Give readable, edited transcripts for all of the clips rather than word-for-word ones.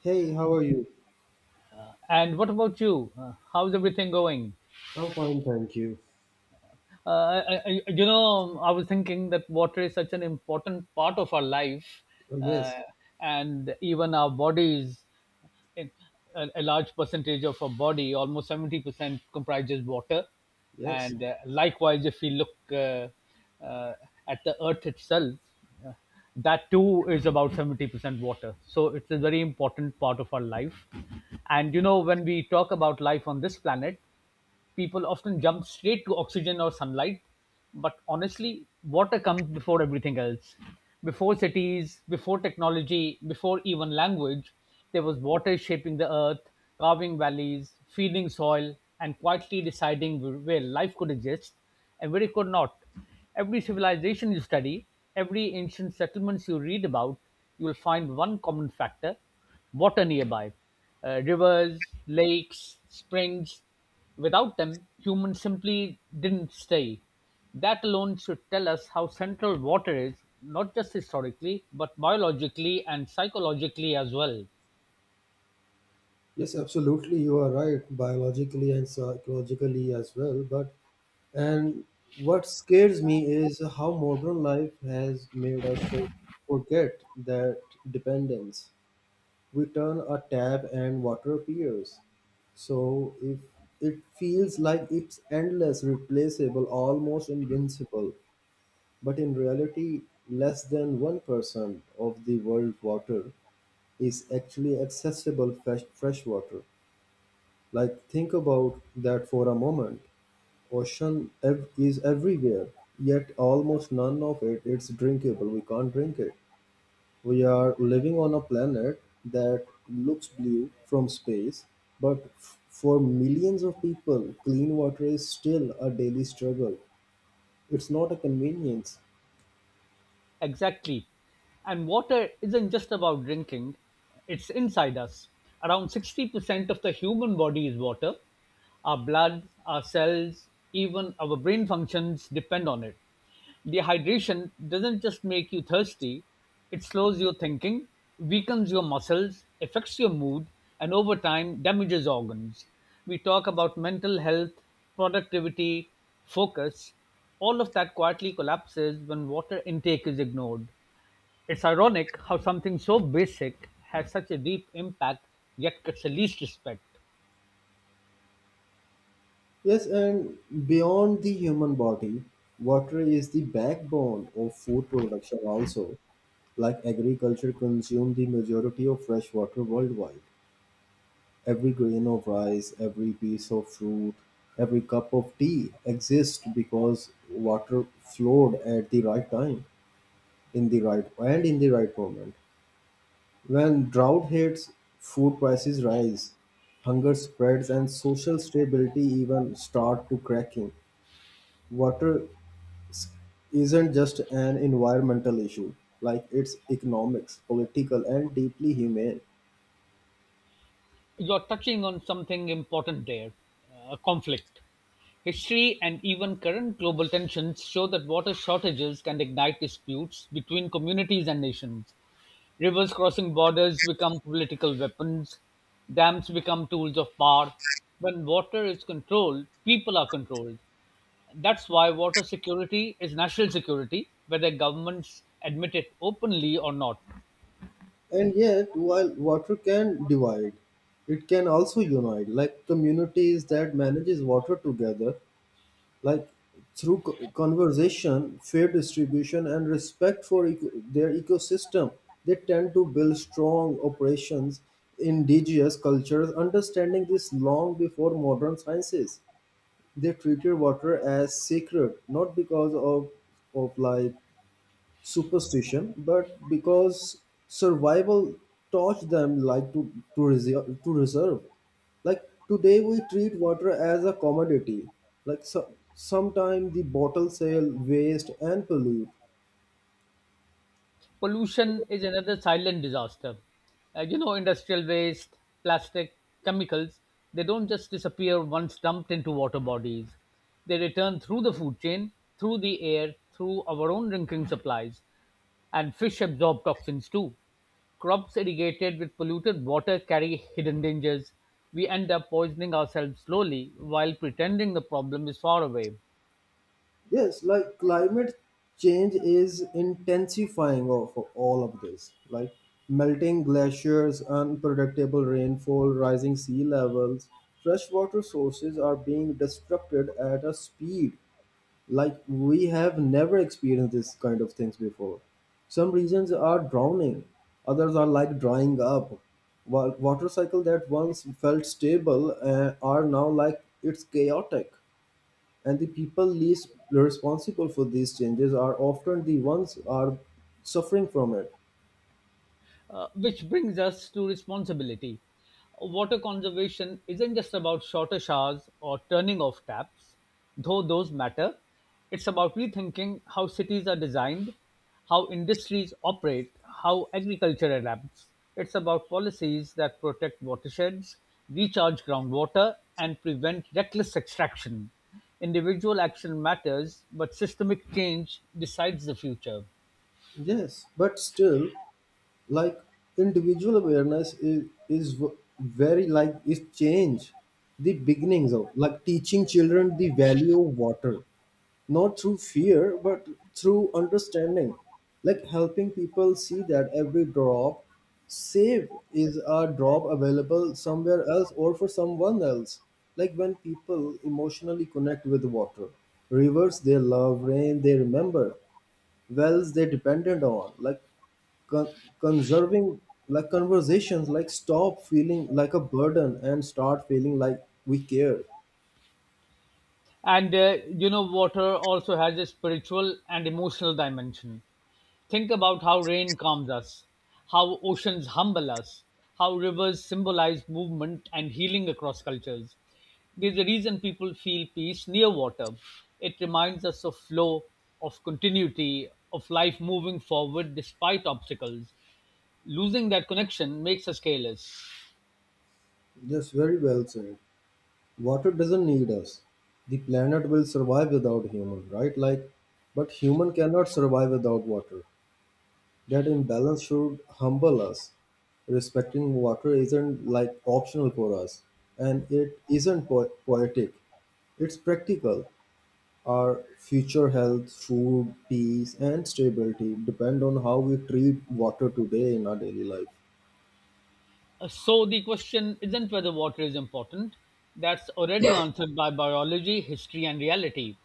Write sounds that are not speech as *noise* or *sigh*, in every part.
Hey, how are you? And what about you? How's everything going? I'm fine, thank you. Uh, I was thinking that water is such an important part of our life, Oh, uh, yes, and even our bodies. in- a large percentage of our body, almost 70%, comprises water. yes, And likewise, if we look uh, uh, at the Earth itself, uh, that too is about 70% water. So it's a very important part of our life. And you know, when we talk about life on this planet, people often jump straight to oxygen or sunlight, but honestly, water comes before everything else. Before cities, before technology, before even language, there was water shaping the earth, carving valleys, feeding soil, and quietly deciding where life could exist and where it could not. Every civilization you study, every ancient settlements you read about, you will find one common factor water nearby. Rivers, lakes, springs, without them, humans simply didn't stay. That alone should tell us how central water is, not just historically, but biologically and psychologically as well. yes, absolutely. You are right, biologically and psychologically as well. But and what scares me is how modern life has made us forget that dependence. We turn a tap and water appears. So if it feels like it's endless, replaceable, almost invincible, but in reality, less than 1% of the world water is actually accessible freshwater. Like think about that for a moment. Ocean is everywhere, yet almost none of it is drinkable. We can't drink it. We are living on a planet that looks blue from space, but for millions of people, clean water is still a daily struggle. It's not a convenience. Exactly. And water isn't just about drinking, it's inside us. Around 60% of the human body is water. Our blood, our cells, even our brain functions depend on it. Dehydration doesn't just make you thirsty, it slows your thinking, weakens your muscles, affects your mood, and over time damages organs. We talk about mental health, productivity, focus, all of that quietly collapses when water intake is ignored. It's ironic how something so basic has such a deep impact yet gets the least respect. Yes, and beyond the human body, water is the backbone of food production also. Like agriculture consumes the majority of fresh water worldwide. Every grain of rice, every piece of fruit, every cup of tea exists because water flowed at the right time, in the right moment. When drought hits, food prices rise, hunger spreads, and social stability even start to cracking. Water s- isn't just an environmental issue, like it's economics, political, and deeply humane. You're touching on something important there, conflict. History and even current global tensions show that water shortages can ignite disputes between communities and nations. Rivers crossing borders become political weapons. Dams become tools of power. When water is controlled, people are controlled. That's why water security is national security, whether governments admit it openly or not. And yet, while water can divide, it can also unite, like communities that manages water together, like through conversation, fair distribution, and respect for their ecosystem, they tend to build strong operations. Indigenous cultures understanding this long before modern sciences, they treated water as sacred, not because of like superstition, but because survival taught them like to reserve. Like today, we treat water as a commodity. Like so, sometimes the bottle sale, waste, and pollute. Pollution is another silent disaster. You know, industrial waste, plastic, chemicals, they don't just disappear once dumped into water bodies. They return through the food chain, through the air, through our own drinking supplies. And fish absorb toxins too. Crops irrigated with polluted water carry hidden dangers. We end up poisoning ourselves slowly while pretending the problem is far away. Yes, like climate change is intensifying of all of this. Like melting glaciers, unpredictable rainfall, rising sea levels. Freshwater sources are being destructed at a speed like we have never experienced this kind of things before. Some regions are drowning, others are like drying up, while water cycle that once felt stable are now like it's chaotic, and the people least responsible for these changes are often the ones are suffering from it. Which brings us to responsibility. Water conservation isn't just about shorter showers or turning off taps, though those matter. It's about rethinking how cities are designed, how industries operate, how agriculture adapts. It's about policies that protect watersheds, recharge groundwater, and prevent reckless extraction. Individual action matters, but systemic change decides the future. Yes but still, like individual awareness is very, like, is change the beginnings of like teaching children the value of water, not through fear but through understanding, like helping people see that every drop save is a drop available somewhere else or for someone else. Like when people emotionally connect with water, rivers they love, rain they remember, wells they depended on, like con- conserving, like conversations, like stop feeling like a burden and start feeling like we care. And you know, water also has a spiritual and emotional dimension. Think about how rain calms us, how oceans humble us, how rivers symbolize movement and healing across cultures. There's a reason people feel peace near water. It reminds us of flow, of continuity, of life moving forward despite obstacles. Losing that connection makes us careless. Yes, very well said. Water doesn't need us, the planet will survive without human, right? Like but human cannot survive without water. That imbalance should humble us. Respecting water isn't like optional for us, and it isn't poetic, it's practical. Our future health, food, peace, and stability depend on how we treat water today in our daily life. So the question isn't whether water is important. That's already answered by biology, history, and reality.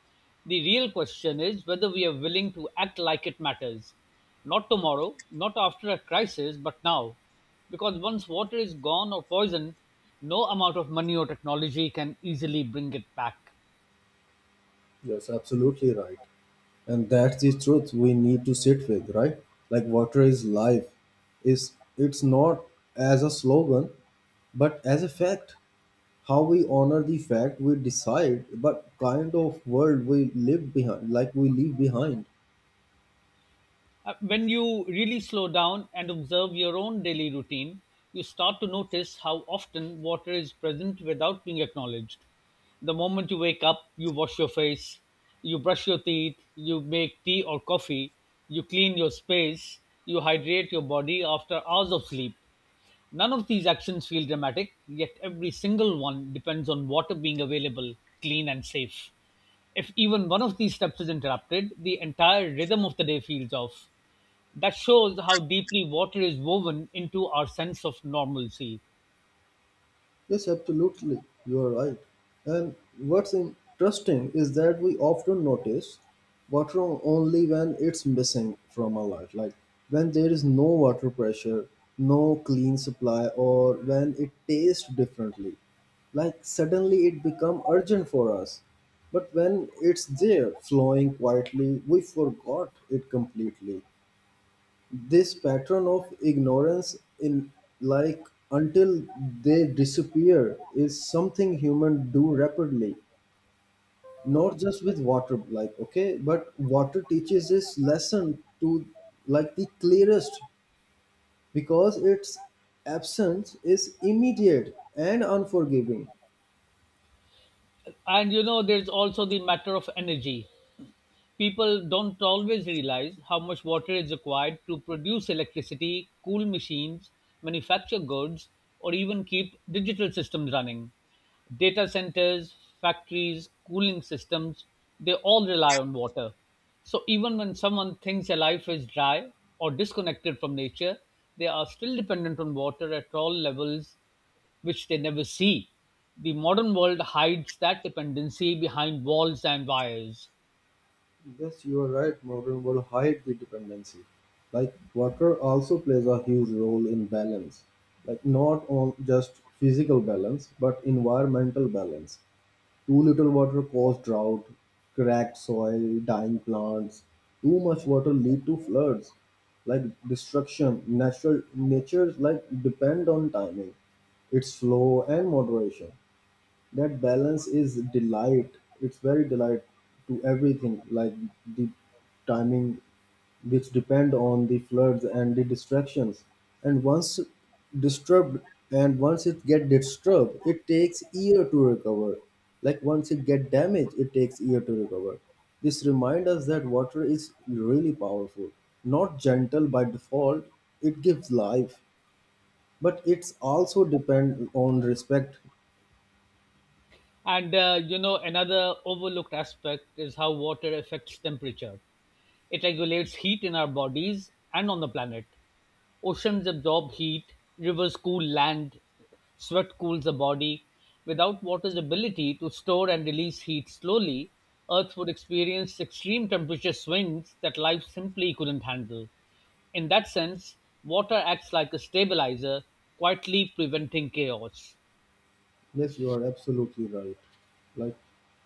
The real question is whether we are willing to act like it matters. Not tomorrow, not after a crisis, but now. Because once water is gone or poisoned, no amount of money or technology can easily bring it back. Yes, absolutely right. And that's the truth we need to sit with, right? Like water is life. Is it's not as a slogan, but as a fact. How we honor the fact we decide, but kind of world we live behind, like we leave behind. When you really slow down and observe your own daily routine, you start to notice how often water is present without being acknowledged. The moment you wake up, you wash your face, you brush your teeth, you make tea or coffee, you clean your space, you hydrate your body after hours of sleep. None of these actions feel dramatic, yet every single one depends on water being available, clean, and safe. If even one of these steps is interrupted, the entire rhythm of the day feels off. That shows how deeply water is woven into our sense of normalcy. Yes, absolutely. You are right. And what's interesting is that we often notice water only when it's missing from our life, like when there is no water pressure, no clean supply, or when it tastes differently. Like suddenly it become urgent for us. But when it's there, flowing quietly, we forgot it completely. This pattern of ignorance in, like, until they disappear is something human do rapidly, not just with water, like okay but water teaches this lesson to, like the clearest, because its absence is immediate and unforgiving. And you know, there's also the matter of energy. People don't always realize how much water is required to produce electricity, cool machines, manufacture goods, or even keep digital systems running. Data centers, factories, cooling systems, they all rely on water. So even when someone thinks their life is dry or disconnected from nature, they are still dependent on water at all levels which they never see. The modern world hides that dependency behind walls and wires. Yes, you are right. Modern world hide the dependency. Like water also plays a huge role in balance. Like not on just physical balance, but environmental balance. Too little water cause drought, cracked soil, dying plants. Too much water lead to floods, like destruction. Natural natures like depend on timing, its flow and moderation. That balance is delight, it's very delight to everything, like the timing, which depend on the floods and the distractions, and once disturbed, and once it get disturbed, it takes year to recover, like once it get damaged it takes year to recover. This remind us that water is really powerful, not gentle by default. It gives life, but it's also depend on respect. And you know, another overlooked aspect is how water affects temperature. It regulates heat in our bodies and on the planet. Oceans absorb heat, rivers cool land, sweat cools the body. Without water's ability to store and release heat slowly, Earth would experience extreme temperature swings that life simply couldn't handle. In that sense, water acts like a stabilizer, quietly preventing chaos. Yes, you are absolutely right. Like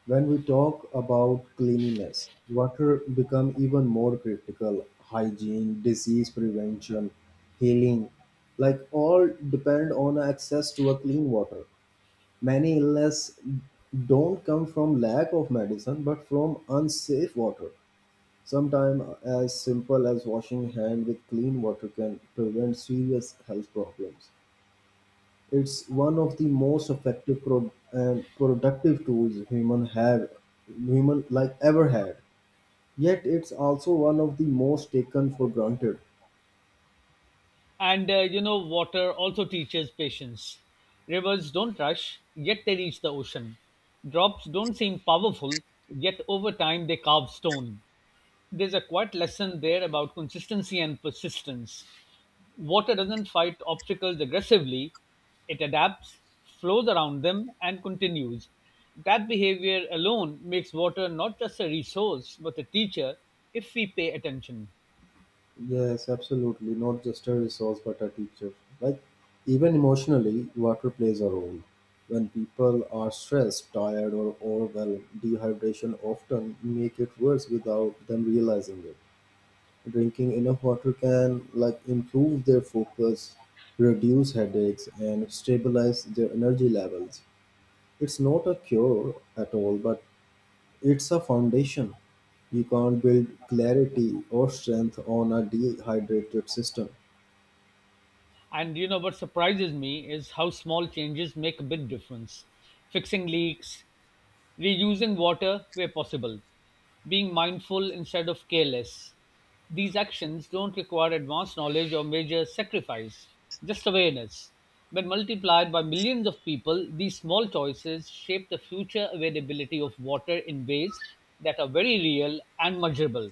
when we talk about cleanliness, water become even more critical. Hygiene, disease prevention, healing, like all depend on access to a clean water. Many illness don't come from lack of medicine, but from unsafe water. Sometimes as simple as washing hand with clean water can prevent serious health problems. It's one of the most effective and productive tools human ever had. Yet it's also one of the most taken for granted. And you know, water also teaches patience. Rivers don't rush, yet they reach the ocean. Drops don't seem powerful, yet over time they carve stone. There's a quiet lesson there about consistency and persistence. Water doesn't fight obstacles aggressively, it adapts, flows around them, and continues. That behavior alone makes water not just a resource, but a teacher if we pay attention. Yes, absolutely. Not just a resource, but a teacher. Like, even emotionally, water plays a role. When people are stressed, tired, or overwhelmed, dehydration often make it worse without them realizing it. Drinking enough water can like improve their focus, reduce headaches, and stabilize their energy levels. It's not a cure at all, but it's a foundation. You can't build clarity or strength on a dehydrated system. And you know what surprises me is how small changes make a big difference. Fixing leaks, reusing water where possible, being mindful instead of careless. These actions don't require advanced knowledge or major sacrifice, just awareness. When multiplied by millions of people, these small choices shape the future availability of water in ways that are very real and measurable.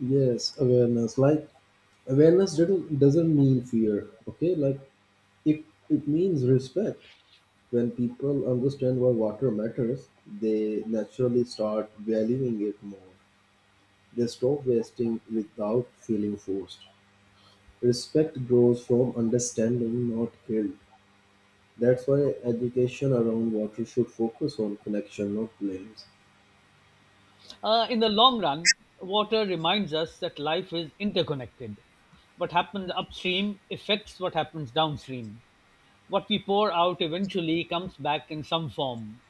Yes, awareness. Like awareness doesn't mean fear. Okay, like it it means respect. When people understand why water matters, they naturally start valuing it more. They stop wasting without feeling forced. Respect grows from understanding, not guilt. That's why education around water should focus on connection, not blames. In the long run, water reminds us that life is interconnected. What happens upstream affects what happens downstream. What we pour out eventually comes back in some form.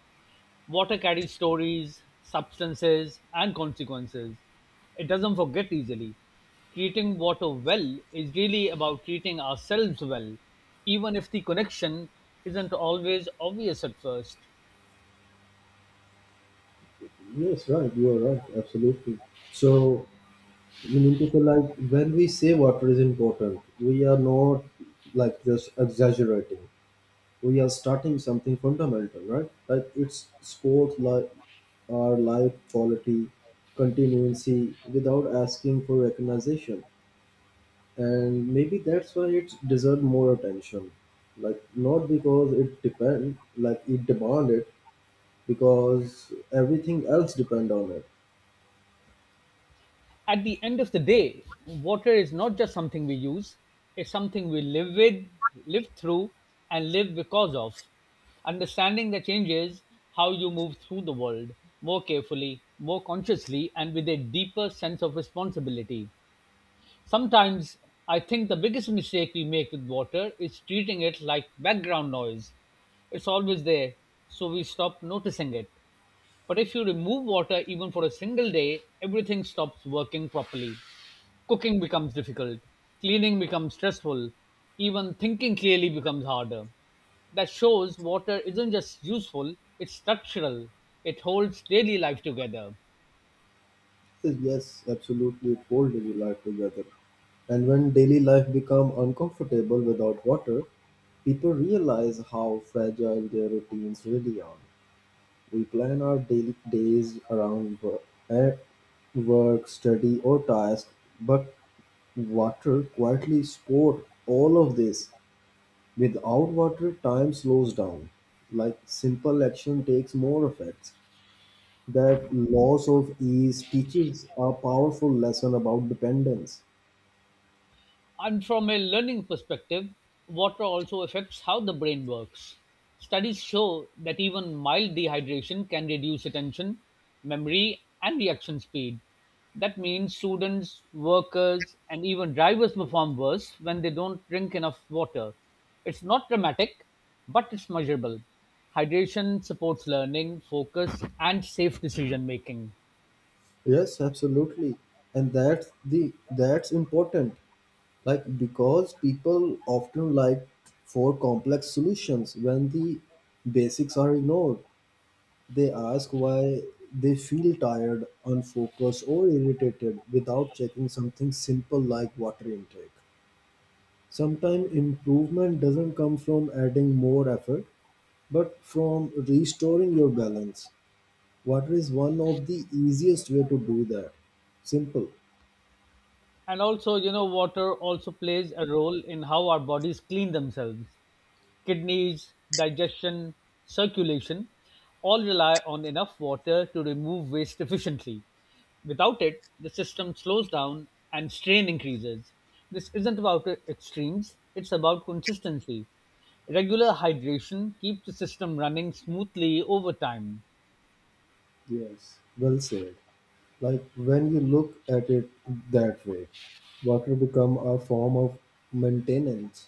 Water carries stories, substances, and consequences. It doesn't forget easily. Treating water well is really about treating ourselves well, even if the connection isn't always obvious at first. Yes, right. You are right. Absolutely. So we need to feel like when we say water is important, we are not like just exaggerating. We are starting something fundamental, right? Like it's sports, like our life quality, continuancy, without asking for recognition. And maybe that's why it deserves more attention, like not because it depend, like it demand it, because everything else depend on it. At the end of the day, water is not just something we use, it's something we live with, live through, and live because of. Understanding the changes how you move through the world more carefully, more consciously, and with a deeper sense of responsibility. Sometimes I think the biggest mistake we make with water is treating it like background noise. It's always there, so we stop noticing it. But if you remove water even for a single day, everything stops working properly. Cooking becomes difficult, cleaning becomes stressful, even thinking clearly becomes harder. That shows water isn't just useful, it's structural. It holds daily life together. Yes, yes, absolutely, it holds daily life together. And when daily life become uncomfortable without water, people realize how fragile their routines really are. We plan our daily days around eh, work study or task, but water quietly stored all of this. Without water, time slows down. Like simple action takes more effects. That loss of ease teaches a powerful lesson about dependence. And from a learning perspective, water also affects how the brain works. Studies show that even mild dehydration can reduce attention, memory, and reaction speed. That means students, workers, and even drivers perform worse when they don't drink enough water. It's not dramatic, but it's measurable. Hydration supports learning, focus, and safe decision making. Yes, absolutely. And that's the that's important. Like because people often like for complex solutions when the basics are ignored. They ask why they feel tired, unfocused, or irritated without checking something simple like water intake. Sometimes improvement doesn't come from adding more effort, but from restoring your balance. Water is one of the easiest way to do that. Simple. And also, you know, water also plays a role in how our bodies clean themselves. Kidneys, digestion, circulation all rely on enough water to remove waste efficiently. Without it, the system slows down and strain increases. This isn't about extremes, it's about consistency. Regular hydration keeps the system running smoothly over time. Yes, well said. Like when you look at it that way, water become a form of maintenance.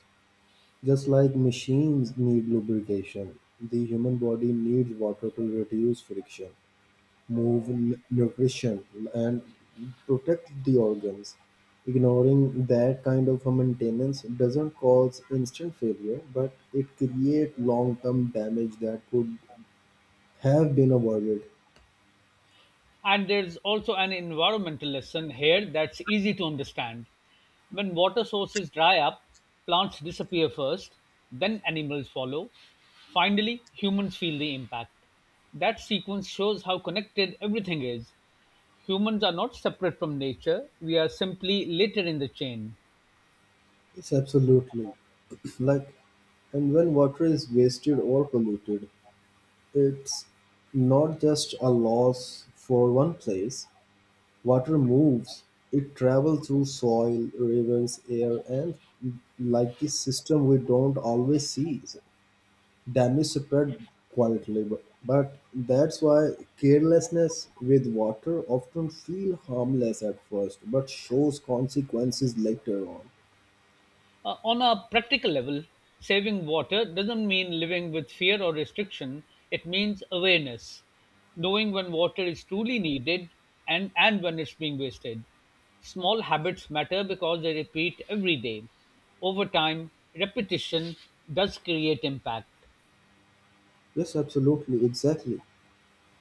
Just like machines need lubrication, the human body needs water to reduce friction, move nutrition, and protect the organs. Ignoring that kind of a maintenance doesn't cause instant failure, but it creates long term damage that could have been avoided. And there's also an environmental lesson here that's easy to understand. When water sources dry up, plants disappear first, then animals follow. Finally, humans feel the impact. That sequence shows how connected everything is. Humans are not separate from nature, we are simply later in the chain. It's absolutely *clears throat* like, and when water is wasted or polluted, it's not just a loss for one place. Water moves; it travels through soil, rivers, air, and like this system we don't always see. Damage spread quietly, but that's why carelessness with water often feel harmless at first, but shows consequences later on. On a practical level, saving water doesn't mean living with fear or restriction, it means awareness, knowing when water is truly needed and when it's being wasted. Small habits matter because they repeat every day. Over time, repetition does create impact. Yes, absolutely, exactly.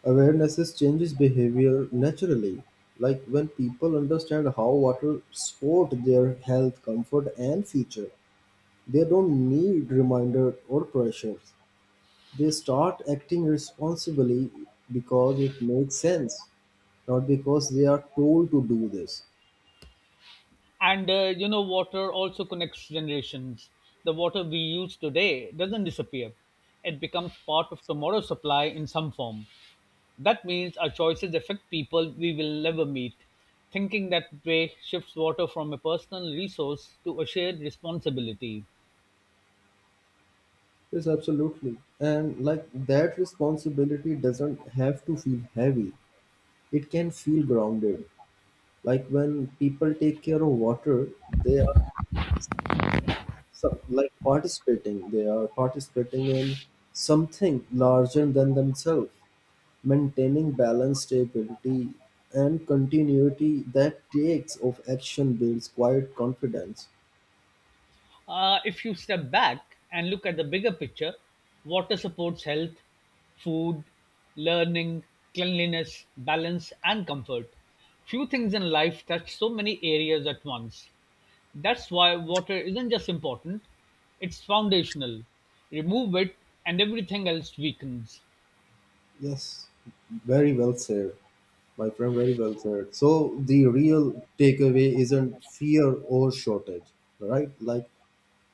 Awarenesses changes behavior naturally. Like when people understand how water support their health, comfort, and future, they don't need reminders or pressures. They start acting responsibly because it makes sense, not because they are told to do this. And you know, water also connects generations. The water we use today doesn't disappear, it becomes part of tomorrow's supply in some form. That means our choices affect people we will never meet. Thinking that way shifts water from a personal resource to a shared responsibility. Yes, absolutely. And like that responsibility doesn't have to feel heavy, it can feel grounded. Like when people take care of water, they are they are participating in something larger than themselves. Maintaining balance, stability, and continuity that takes of action builds quiet confidence. If you step back and look at the bigger picture, water supports health, food, learning, cleanliness, balance, and comfort. Few things in life touch so many areas at once. That's why water isn't just important, it's foundational. Remove it, and everything else weakens. Yes, very well said, my friend. Very well said. So the real takeaway isn't fear or shortage, right? Like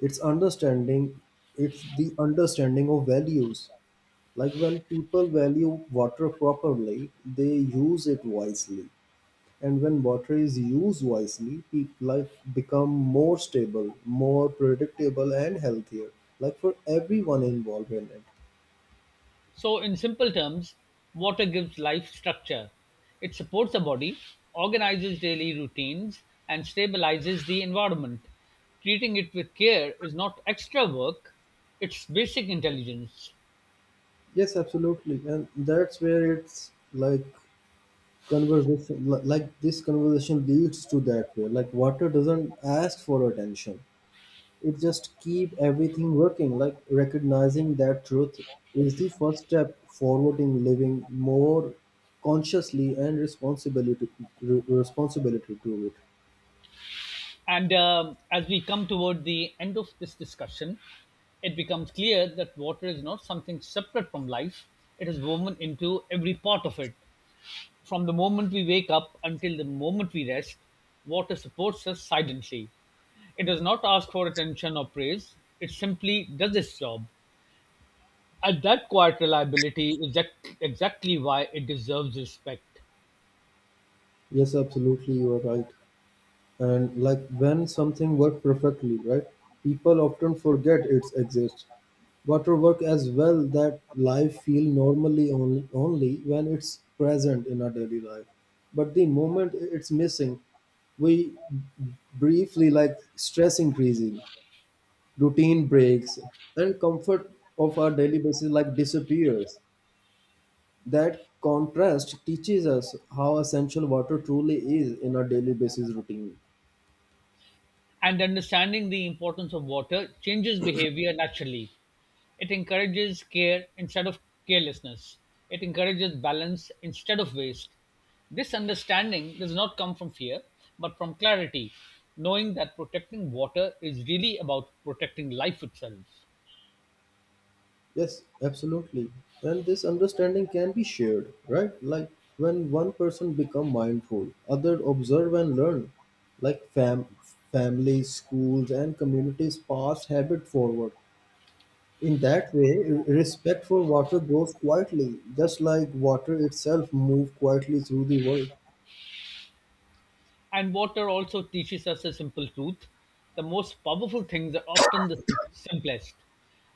it's understanding. It's the understanding of values. Like when people value water properly, they use it wisely. And when water is used wisely, life become more stable, more predictable, and healthier. Like for everyone involved in it. So, in simple terms, water gives life structure. It supports the body, organizes daily routines, and stabilizes the environment. Treating it with care is not extra work, it's basic intelligence. Yes, absolutely, and that's where it's like conversation, like this conversation leads to that way. Like water doesn't ask for attention; it just keep everything working. Like recognizing that truth is the first step forward in living more consciously and responsibility, responsibility to it. And as we come toward the end of this discussion, it becomes clear that water is not something separate from life, it is woven into every part of it. From the moment we wake up until the moment we rest, water supports us silently. It does not ask for attention or praise, it simply does its job. And that quiet reliability is exactly why it deserves respect. Yes, absolutely, you are right. And like when something works perfectly, right? People often forget it exists. Water work as well that life feel normally only when it's present in our daily life. But the moment it's missing, we briefly like stress increasing, routine breaks, and comfort of our daily basis like disappears. That contrast teaches us how essential water truly is in our daily basis routine. And understanding the importance of water changes behavior naturally. It encourages care instead of carelessness. It encourages balance instead of waste. This understanding does not come from fear, but from clarity, knowing that protecting water is really about protecting life itself. Yes, absolutely. And this understanding can be shared, right? Like when one person become mindful, others observe and learn. Like families, schools, and communities pass habit forward. In that way, respect for water grows quietly, just like water itself moves quietly through the world. And water also teaches us a simple truth. The most powerful things are often the simplest.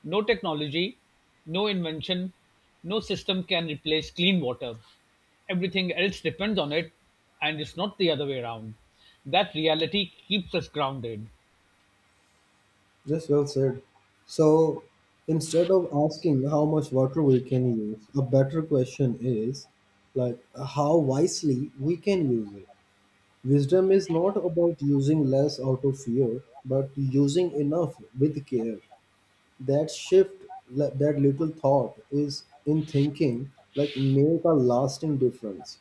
No technology, no invention, no system can replace clean water. Everything else depends on it, and it's not the other way around. That reality keeps us grounded. Yes, well said. So instead of asking how much water we can use, a better question is like how wisely we can use it. Wisdom is not about using less out of fear, but using enough with care. That shift, that little thought is in thinking, like make a lasting difference.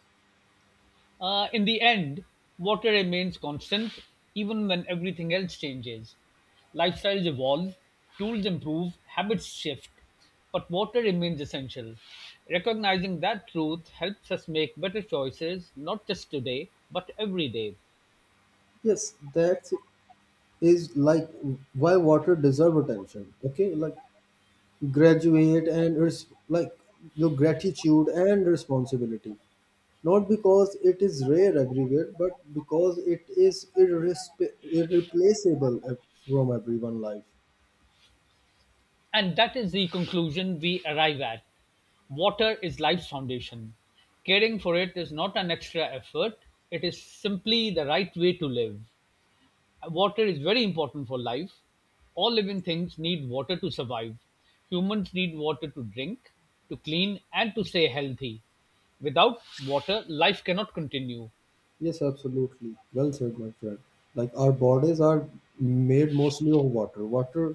In the end, water remains constant even when everything else changes. Lifestyles evolve, tools improve, habits shift, but water remains essential. Recognizing that truth helps us make better choices, not just today, but every day. Yes, that is like why water deserve attention. Okay, like graduate and res- like your gratitude and responsibility, not because it is rare everywhere but because it is irreplaceable from everyone life. And that is the conclusion we arrive at. Water is life's foundation. Caring for it is not an extra effort, it is simply the right way to live. Water is very important for life. All living things need water to survive. Humans need water to drink, to clean, and to stay healthy. Without water, life cannot continue. Yes, absolutely, well said, my friend. Like our bodies are made mostly of water.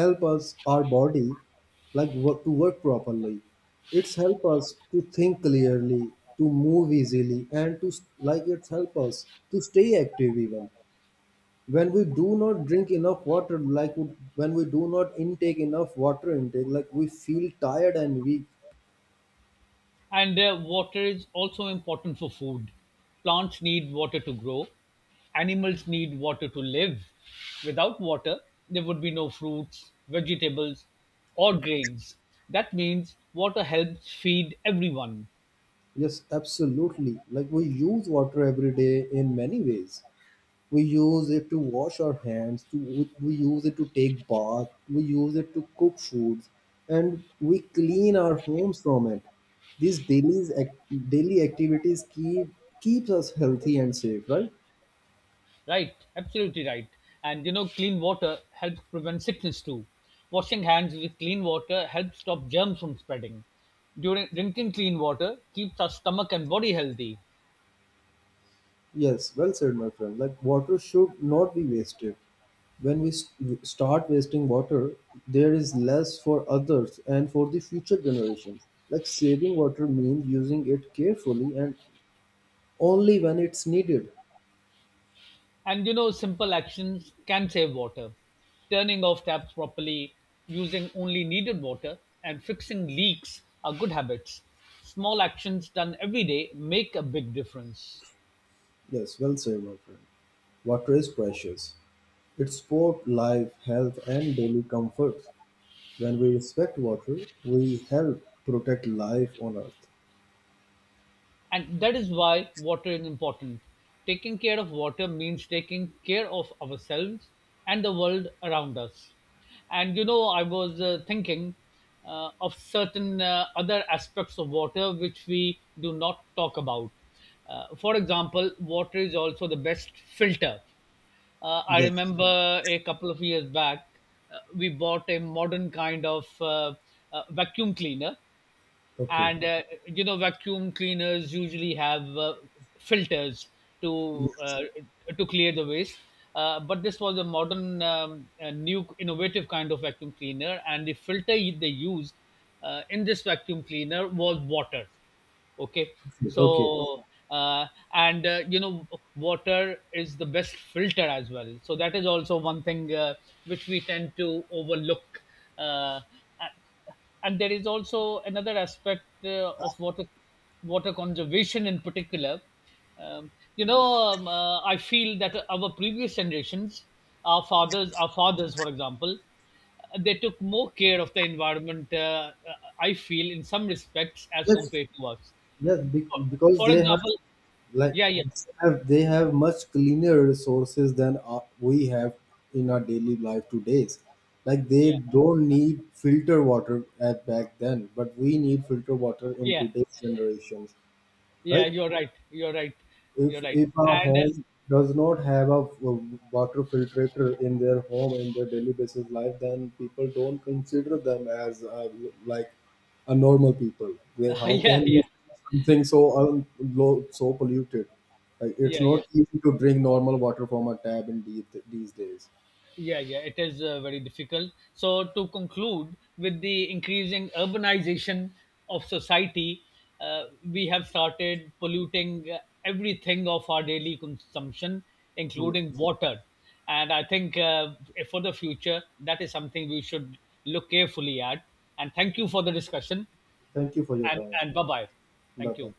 Help us, our body, like to work properly. It's help us to think clearly, to move easily, and to like it's help us to stay active. Even when we do not drink enough water like when we do not intake enough water intake, like we feel tired and weak. And water is also important for food. Plants need water to grow, animals need water to live. Without water, there would be no fruits, vegetables, or grains. That means water helps feed everyone. Yes, absolutely. Like we use water every day in many ways. We use it to wash our hands, we use it to take bath, we use it to cook foods, and we clean our homes from it. These daily activities keeps us healthy and safe, right? Right, absolutely right. And you know, clean water helps prevent sickness too. Washing hands with clean water helps stop germs from spreading. During drinking clean water keeps our stomach and body healthy. Yes, well said, my friend. Like, water should not be wasted. When we start wasting water, there is less for others and for the future generations. Like, saving water means using it carefully and only when it's needed. And you know, simple actions can save water. Turning off taps properly, using only needed water, and fixing leaks are good habits. Small actions done every day make a big difference. Yes, well said, my friend. Water is precious. It supports life, health, and daily comforts. When we respect water, we help protect life on earth. And that is why water is important. Taking care of water means taking care of ourselves and the world around us. And you know, I was thinking of certain other aspects of water which we do not talk about. For example, water is also the best filter. I Yes. remember a couple of years back, we bought a modern kind of vacuum cleaner Okay. and you know, vacuum cleaners usually have filters to Yes. to clear the waste, but this was a modern a new innovative kind of vacuum cleaner, and the filter they used in this vacuum cleaner was water. Okay, Okay. so uh, and you know, water is the best filter as well, so that is also one thing which we tend to overlook, uh, and there is also another aspect of water, water conservation in particular. um, you know, I feel that our previous generations, our fathers, for example, they took more care of the environment, I feel, in some respects as Let's compared to us, Yes, because for they have example. like yeah yeah they have, they have much cleaner resources than we have in our daily life today's. Like they yeah don't need filter water at back then, but we need filter water in yeah today's generations, yeah right? You're right you're right if you're right if a And home does not have a water filtrator in their home in their daily basis life, then people don't consider them as like a normal people. they, *laughs* how yeah can you yeah something so un, low, so polluted, like it's yeah. not easy to drink normal water from a tap in these days. Yeah, yeah, it is very difficult. So, to conclude, with the increasing urbanization of society, we have started polluting everything of our daily consumption, including Yes. water. And I think for the future, that is something we should look carefully at. And thank you for the discussion. Thank you for your And time. and bye bye. Bye Thank bye. you.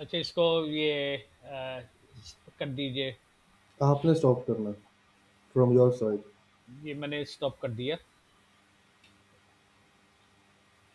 अच्छा इसको ये अ, कर दीजिए, आपने stop करना from your side. ये मैंने stop कर दिया।